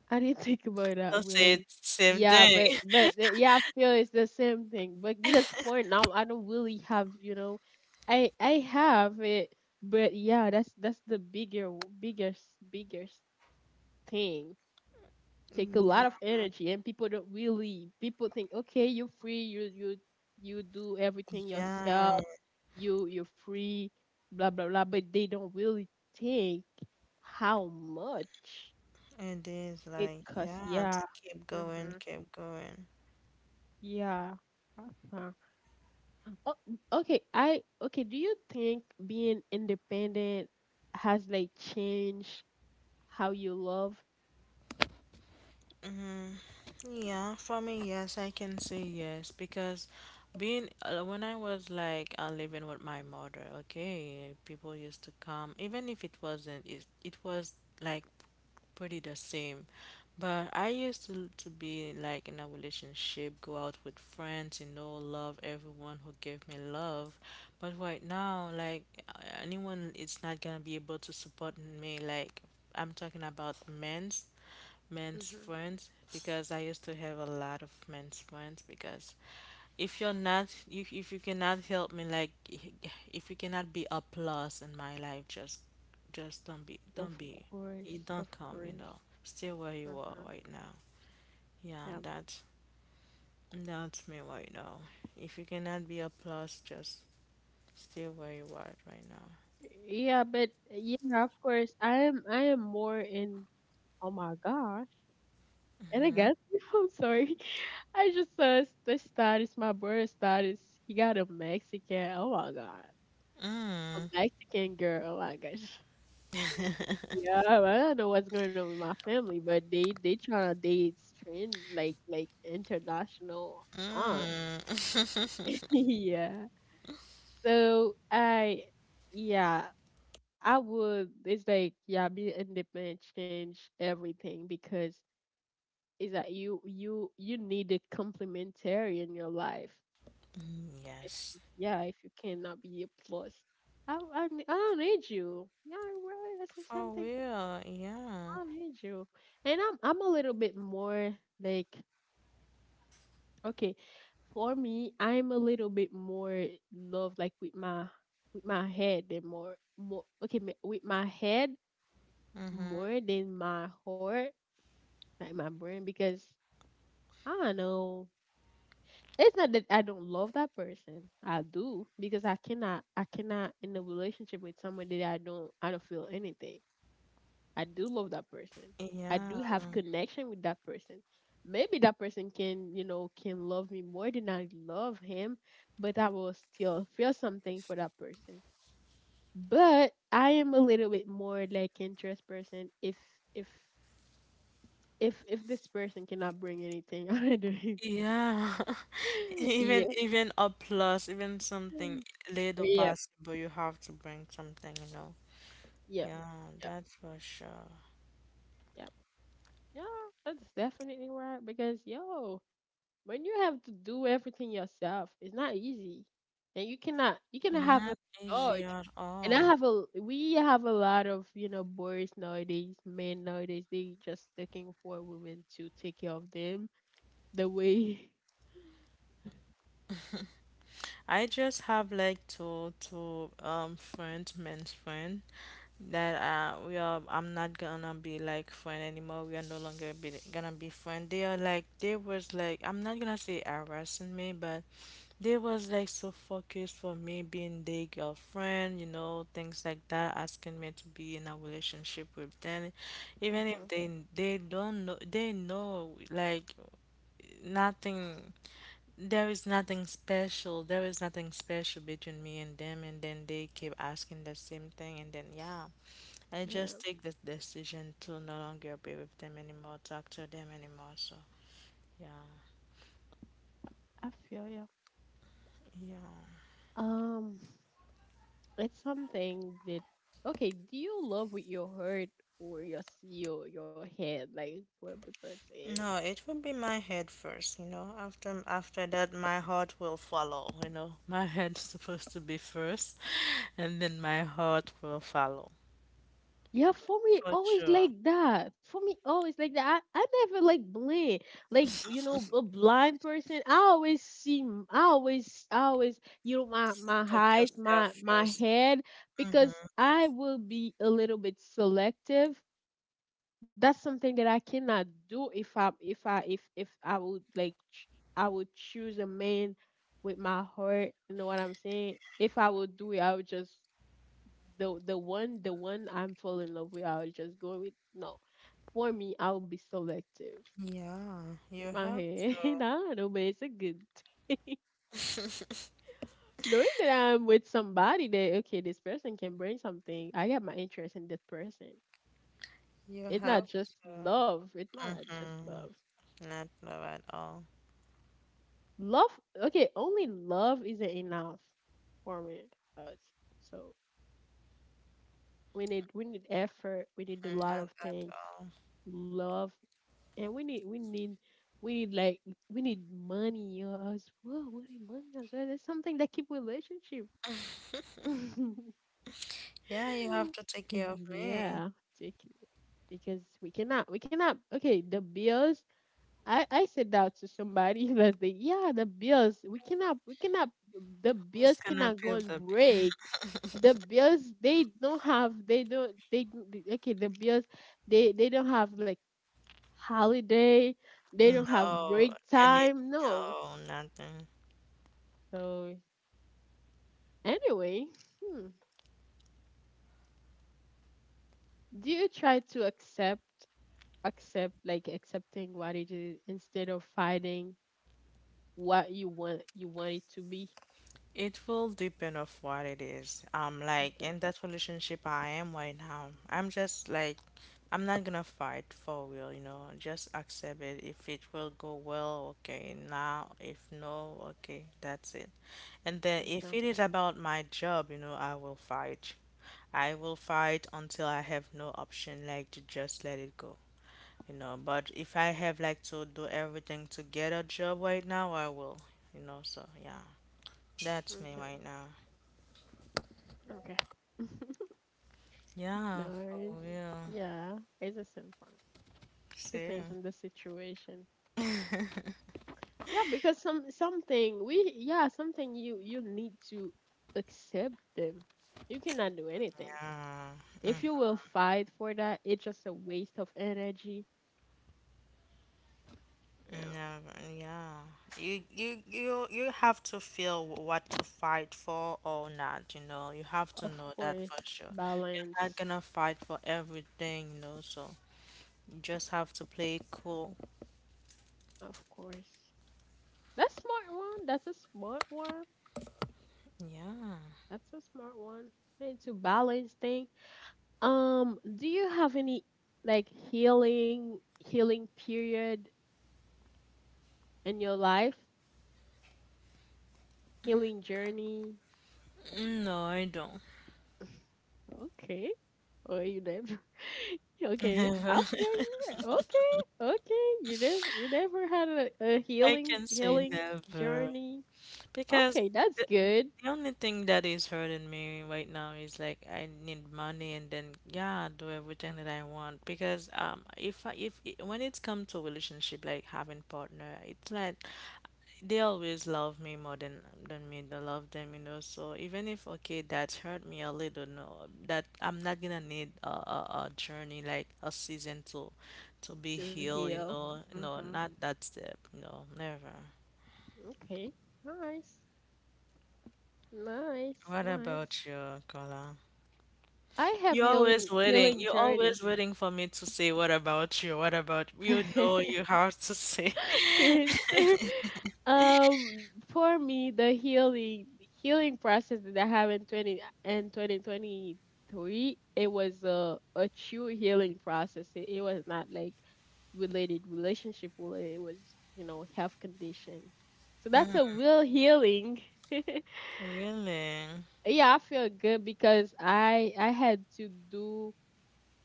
I didn't think about that They'll say really. it's same Yeah, thing. but but uh, yeah, I feel it's the same thing. But because for now, I don't really have, you know, I I have it, but yeah, that's that's the bigger biggest, biggest thing. Take a lot Yeah, of energy, and people don't really, people think, okay, you're free, you you you do everything yourself, yeah, you you're free, blah blah blah, but they don't really think how much it is it like costs. yeah Yeah. to keep going, Hmm. keep going. Yeah. uh oh, okay, I okay do you think being independent has like changed how you love? Mm, yeah, for me, yes, I can say yes because being uh, when I was like uh, living with my mother, okay, people used to come, even if it wasn't, it, it was like pretty the same. But I used to, to be like in a relationship, go out with friends, you know, love everyone who gave me love. But right now, like uh, anyone, it's not gonna be able to support me. Like I'm talking about men men's Mhm. friends because I used to have a lot of men's friends because if you're not if if you cannot help me like if you cannot be a plus in my life just just don't be don't Of be you course, of don't come, you course. know, stay where you are Mhm. right now. Yeah, Yeah. that's that's me right now. If you cannot be a plus, just stay where you are right now. Yeah, but yeah, of course. I am I am more in, oh my gosh. And I guess I'm sorry. I just saw the status, my brother status. He got a Mexican. Oh my god. A Mexican girl. Oh my gosh. Yeah, I don't know what's going on with my family, but they they trying to date strange, like like international aunt. Yeah. So I, yeah. I would. It's like, yeah, being independent change everything because it's that you you you need a complementary in your life. Mm, If, yes. if yeah, if you cannot be a plus, I, I n- I don't need you. Yeah, right. That's the For same thing. real, yeah. I don't need you. And I'm I'm a little bit more like, okay, for me, I'm a little bit more love like with my with my head, and more, more okay ma- with my head Mm-hmm. more than my heart, like my brain, because I don't know. It's not that I don't love that person. I do, because I cannot, I cannot in a relationship with someone that I don't I don't feel anything. I do love that person. I do Yeah, have connection with that person. Maybe that person can, you know, can love me more than I love him, but I will still feel something for that person. But I am a little bit more like interest person if, if if if this person cannot bring anything out of their yeah. Even Yeah. even a plus, even something little Yep, possible, you have to bring something, you know. yep, Yeah, yep, that's for sure. yep. Yeah, that's definitely right. Because yo, when you have to do everything yourself, it's not easy, and you cannot you cannot have Not a easy charge. at And I all. have a we have a lot of, you know, boys nowadays, men nowadays. They just looking for women to take care of them the way. I just have like two two um friends, men's friend that uh we are I'm not gonna be like friend anymore. We are no longer be gonna be friend. They are like they was like I'm not gonna say harassing me, but they was like so focused for me being their girlfriend, you know, things like that, asking me to be in a relationship with them, even if Mm-hmm. they they don't know, they know like nothing. There is nothing special. There is nothing special between me and them, and then they keep asking the same thing, and then yeah, I just Yeah. take the decision to no longer be with them anymore, talk to them anymore. So yeah, I feel you. yeah. Um, it's something that, okay. Do you love with your heart or your s- your your head? Like what people say. No, it will be my head first, you know. After after that, my heart will follow, you know. My head's supposed to be first, and then my heart will follow. Yeah, for me, For always sure. like that. For me, always like that. I, I never like blind, like, you know, a blind person. I always see, m- I always, I always, you know, my my Put eyes, my yourself my first. head, Mm-hmm. because I will be a little bit selective. That's something that I cannot do if I if I if if I would like, ch- I would choose a man with my heart. You know what I'm saying? If I would do it, I would just, the the one the one I'm fall in love with, I'll just go with. No, for me, I'll be selective Yeah, in you my have head. I to. don't know, but it's a good knowing that I'm with somebody that, okay, this person can bring something. I got my interest in this person. You It's have not just to. love. It's not just love. Mm-hmm. Not love at all. Love, okay, only love isn't enough for me. Us. So we need we need effort. We need a lot Not of at things. all. Love. And we need we need we need like, we need money, or else, whoa, we need money as well. That's something that keep relationship. Yeah, you have to take care of me. Yeah, take it. Because we cannot we cannot, okay, the bills, I I said that to somebody last day. Yeah, the bills, we cannot we cannot the Who's bills gonna cannot pay go and the bill? break. The bills, they don't have, they don't they, don't- they okay, the bills, they they don't have like holiday. They don't have No, break any, time. No. no, nothing. So anyway, hmm, do you try to accept, accept like accepting what it is instead of fighting what you want you want it to be? It will depend of what it is. Um, like Okay. in that relationship I am right now, I'm just like, I'm not gonna fight for real, you know. Just accept it. If it will go well, okay. Now, if no, okay, that's it. And then if Okay. it is about my job, you know, I will fight. I will fight until I have no option, like to just let it go, you know. But if I have like to do everything to get a job right now, I will, you know. So yeah. That's me Okay. right now. Okay. Yeah, Nice. for real. Yeah, it's the same for me. See. Depends on the situation. Yeah, because some, something we, yeah, something you you need to accept them. You cannot do anything. Yeah. If you will fight for that, it's just a waste of energy. Yeah, Never. Yeah. You you you you have to feel what to fight for or not. You know. You have to of know that course. for sure. You're not Balance, gonna fight for everything. You know. So you just have to play it cool. of course. That's smart one. That's a smart one. Yeah. That's a smart one. Need to balance thing. Um, do you have any like healing healing period in your life? Healing journey? No, I don't. Okay. Oh, you never. Okay, Never. I feel you. Okay, okay. You never, you never had a, a I healing, can say healing never. journey. Because Okay, that's the, good the only thing that is hurting me right now is like I need money and then yeah, do everything that I want. Because um, if I, if it, when it's come to relationship, like having partner, it's like they always love me more than than me. They love them, you know. So even if okay, that hurt me a little, no, that I'm not gonna need a, a, a journey like a season to to be to healed, you heal. know. No, Mhm. not that step. No, never. Okay. Nice, nice, What nice. about you, Carla? I have You're always healing, waiting. healing You're journey. always waiting for me to say, what about you? What about you? Know you have to say. to answer. Um, for me, the healing healing process that I have in twenty, and twenty twenty three, it was a a true healing process. It, it was not like related relationship related. It was, you know health condition. So that's Mm, a real healing. really? Yeah, I feel good because I I had to do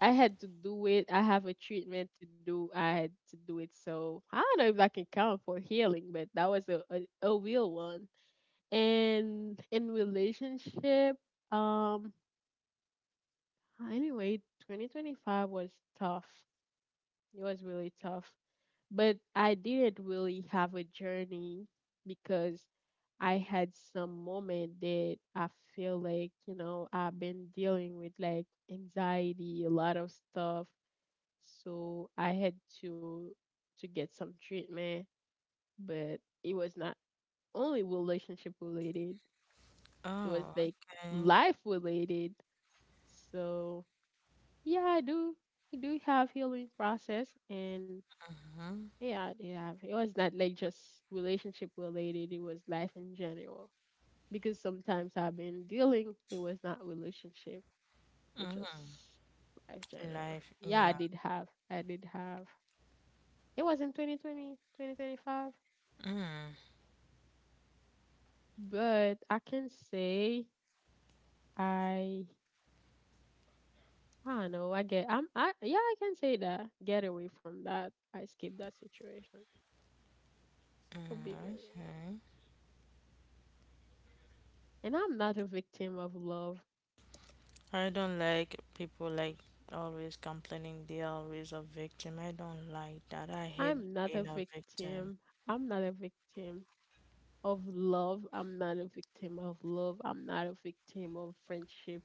I had to do it. I have a treatment to do. I had to do it. So I don't know if I can count for healing, but that was a, a, a real one. And in relationship, um, anyway, twenty twenty-five was tough. It was really tough. But I didn't really have a journey because I had some moment that I feel like, you know, I've been dealing with like anxiety, a lot of stuff. So I had to to get some treatment, but it was not only relationship related. It was Oh, like okay. life related. So yeah, I do I do have healing process. And Mm-hmm. yeah, yeah, it was not like just relationship related. It was life in general. Because sometimes I've been dealing, it was not relationship. It just Mm. life general. Life, Yeah, I yeah. did have. I did have. It was in twenty twenty twenty twenty-five. Mm. But I can say I I don't know. I get I'm I Yeah, I can say that. Get away from that. I skip that situation. Could be Mm, better. okay. And I'm not a victim of love. I don't like people like always complaining they're always a victim. I don't like that. I hate I'm not a being a victim. victim. I'm not a victim of love. I'm not a victim of love. I'm not a victim of friendship.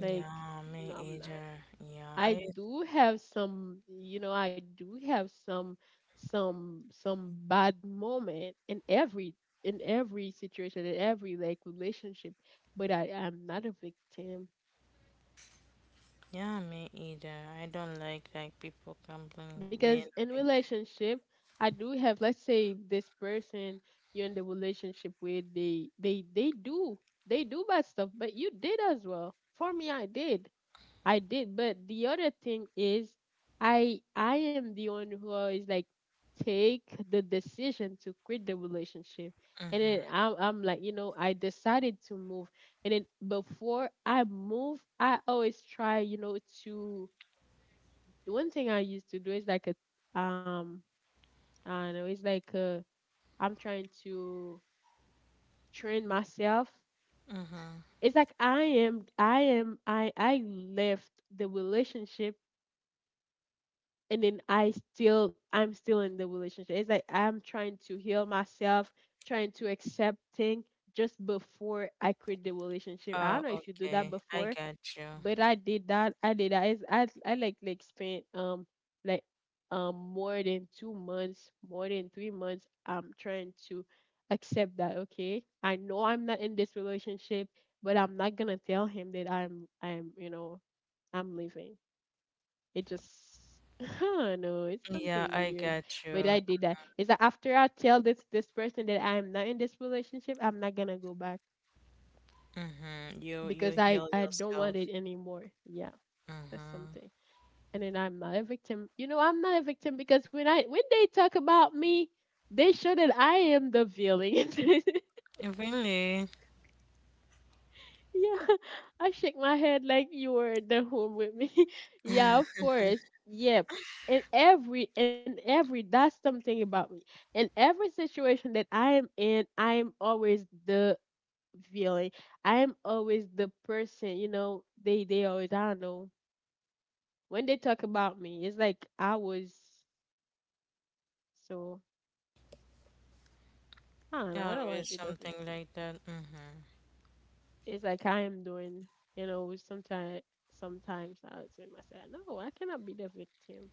Like me no, I'm not. either. Yeah, I I do have some, you know, I do have some some some bad moment in every in every situation, in every like relationship, but I am not a victim. yeah, me either. I don't like like people complaining being Because in a relationship, I do have, let's say, this person you're in the relationship with, they they they do they do bad stuff, but you did as well. For me, I did. I did, but the other thing is, I I am the one who always like take the decision to quit the relationship, and victim. then I'm I'm like, you know, I decided to move, and then before I move, I always try, you know, to, the one thing I used to do is like a, um I don't know, it's like a, I'm trying to train myself. Mm-hmm. Mm-hmm. It's like I am I am I I left the relationship, and then I still I'm still in the relationship. It's like I'm trying to heal myself, trying to accept things just before I quit the relationship. I don't Oh, know if you do that okay. I before, got you. but I did that. I did that. It's, I I like like spent um like um more than two months, more than three months. I'm trying to accept that. Okay, I know I'm not in this relationship, but I'm not gonna tell him that I'm I'm, you know, I'm leaving. It just I don't know, it's Yeah, something I weird. got But I you. did that. It's that after I tell this this person that I am not in this relationship, I'm not gonna go back, Mm-hmm. You you because I heal I don't want yourself. it anymore. Yeah, that's Mm-hmm. something. And then I'm not a victim. You know, I'm not a victim, because when I when they talk about me, they show that I am the villain. Really? Yeah, I shake my head like you were in the home with me. Yeah, of course. Yep. And every and every That's something about me. In every situation that I am in, I am always the villain. I am always the person, you know, they they always, I don't know. When they talk about me, it's like I was so, I don't know, I don't like Always being the something victim. like that. Mm-hmm. It's like I am doing, you know, sometimes sometimes I would say myself, no, I cannot be the victim.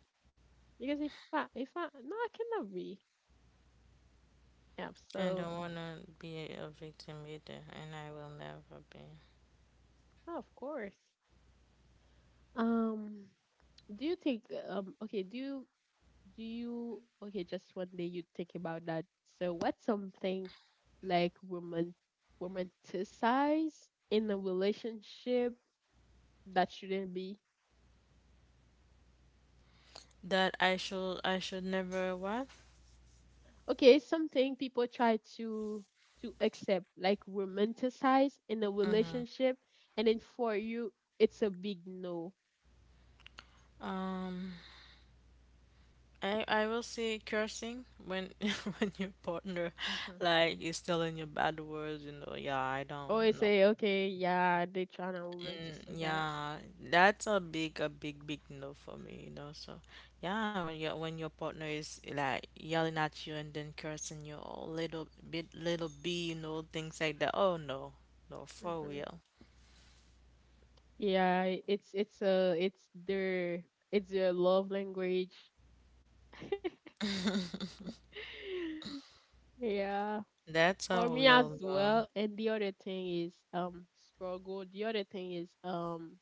Because if I if I, no, I cannot be. Yeah, I so don't wanna be a victim either, and I will never be. no, of course. Um, do you think, um okay, do you do you okay, just one day you think about that. So what's something like woman romanticize in a relationship that shouldn't be? That I should I should never what? Okay, something people try to to accept, like romanticize in a Mm-hmm. relationship, and then for you it's a big no. Um. I, I will say cursing when when your partner like is telling you bad words, you know, yeah, I Oh, don't I know. say, okay, yeah, they trying to romanticize that. Yeah, that's a big a big big no for me, you know. So yeah, when your when your partner is like yelling at you and then cursing you a little bit little b, you know, things like that. Oh no, no, for Hmm. real. Yeah, i- it's it's a, it's their it's their love language. Yeah, That's a for me as real no. well. And the other thing is, um struggle. The other thing is, um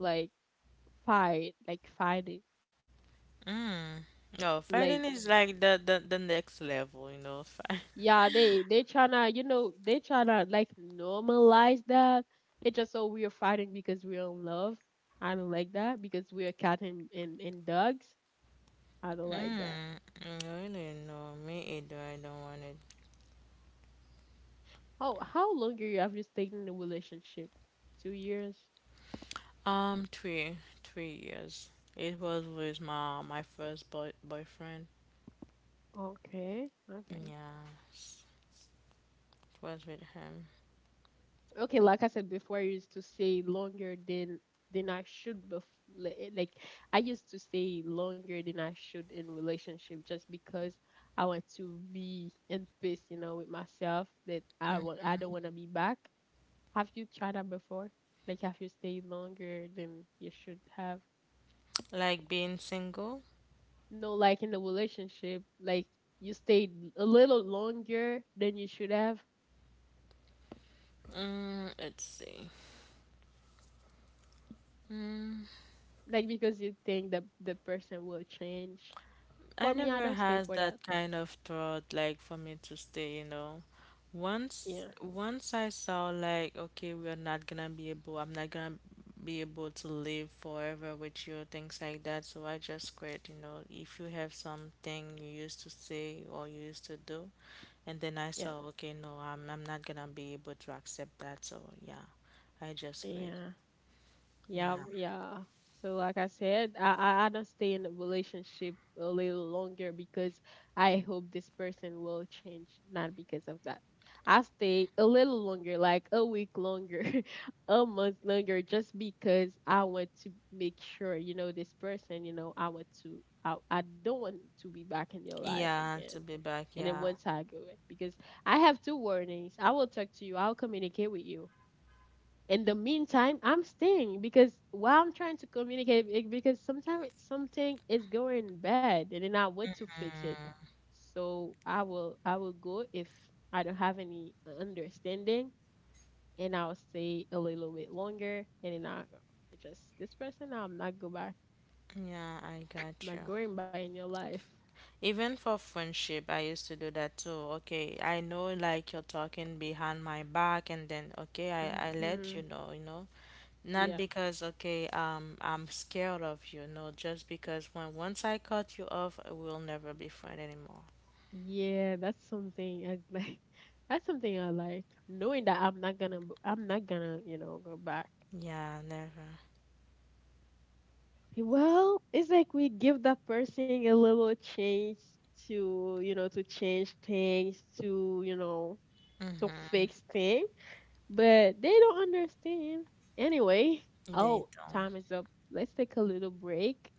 like fight, like fighting, Mm. No, fighting like. is like the, the the next level, you know. Yeah, they they tryna, you know, they tryna like normalize that. It's just, so we are fighting because we're in love. I don't like that, because we're cat and, and, and dogs. I don't like that. Mm, really? No, me either. I don't want it. How how long are you have you stayed in the relationship? Two years. Um, three, three years. It was with my my first boy boyfriend. Okay, okay. Yes, it was with him. Okay, like I said before, I used to stay longer than than I should, bef- li- eh, like I used to stay longer than I should in relationship, just because I want to be in peace, you know, with myself, that i Mm. want I don't want to be back. Have you tried that before, like have you stayed longer than you should have? Like being single. No, like in the relationship, like you stayed a little longer than you should have, Mm, let's see. Hmm, like because you think that the person will change. For I me, I never don't stay has for that. that kind of thought like for me to stay, you know. Once Yeah, once I saw like, okay, we are not gonna be able, I'm not gonna be able to live forever with you, things like that. So I just quit, you know. If you have something you used to say or you used to do, and then I yeah, saw, okay, no, I'm I'm not gonna be able to accept that. So yeah, I just quit. yeah, yeah, Yeah. yeah. So, like I said, I I, I don't stay in a relationship a little longer because I hope this person will change, not because of that. I stay a little longer, like a week longer, a month longer, just because I want to make sure, you know, this person, you know, I want to, I, I don't want to be back in your life Yeah, again. to be back. And then Yeah. once I go, because I have two warnings, I will talk to you, I'll communicate with you in the meantime, I'm staying because while I'm trying to communicate, it- because sometimes something is going bad and then I want to fix it. So I will I will go if I don't have any understanding, and I'll stay a little bit longer, and then I, just this person, I'm not go back, Yeah, I got I'm you. not going by in your life. Even for friendship, I used to do that too. Okay, I know like you're talking behind my back, and then okay, I, I let you Hmm. know, you know. Not Yeah, because okay, um, I'm scared of you, no, just because when once I cut you off, we'll never be friends anymore. yeah, that's something I like. That's something I like, knowing that I'm not gonna, b- I'm not gonna, you know, go back. Yeah, never. Well, it's like we give that person a little chance to, you know, to change things, to, you know, to fix things, but they don't understand. Anyway, They oh, don't. time is up. Let's take a little break.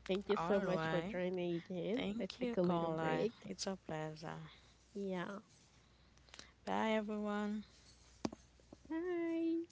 Thank you so All much for right. joining again. Let's Thank take you, a little caller. break. It's a pleasure. Yeah. Bye, everyone. Hi.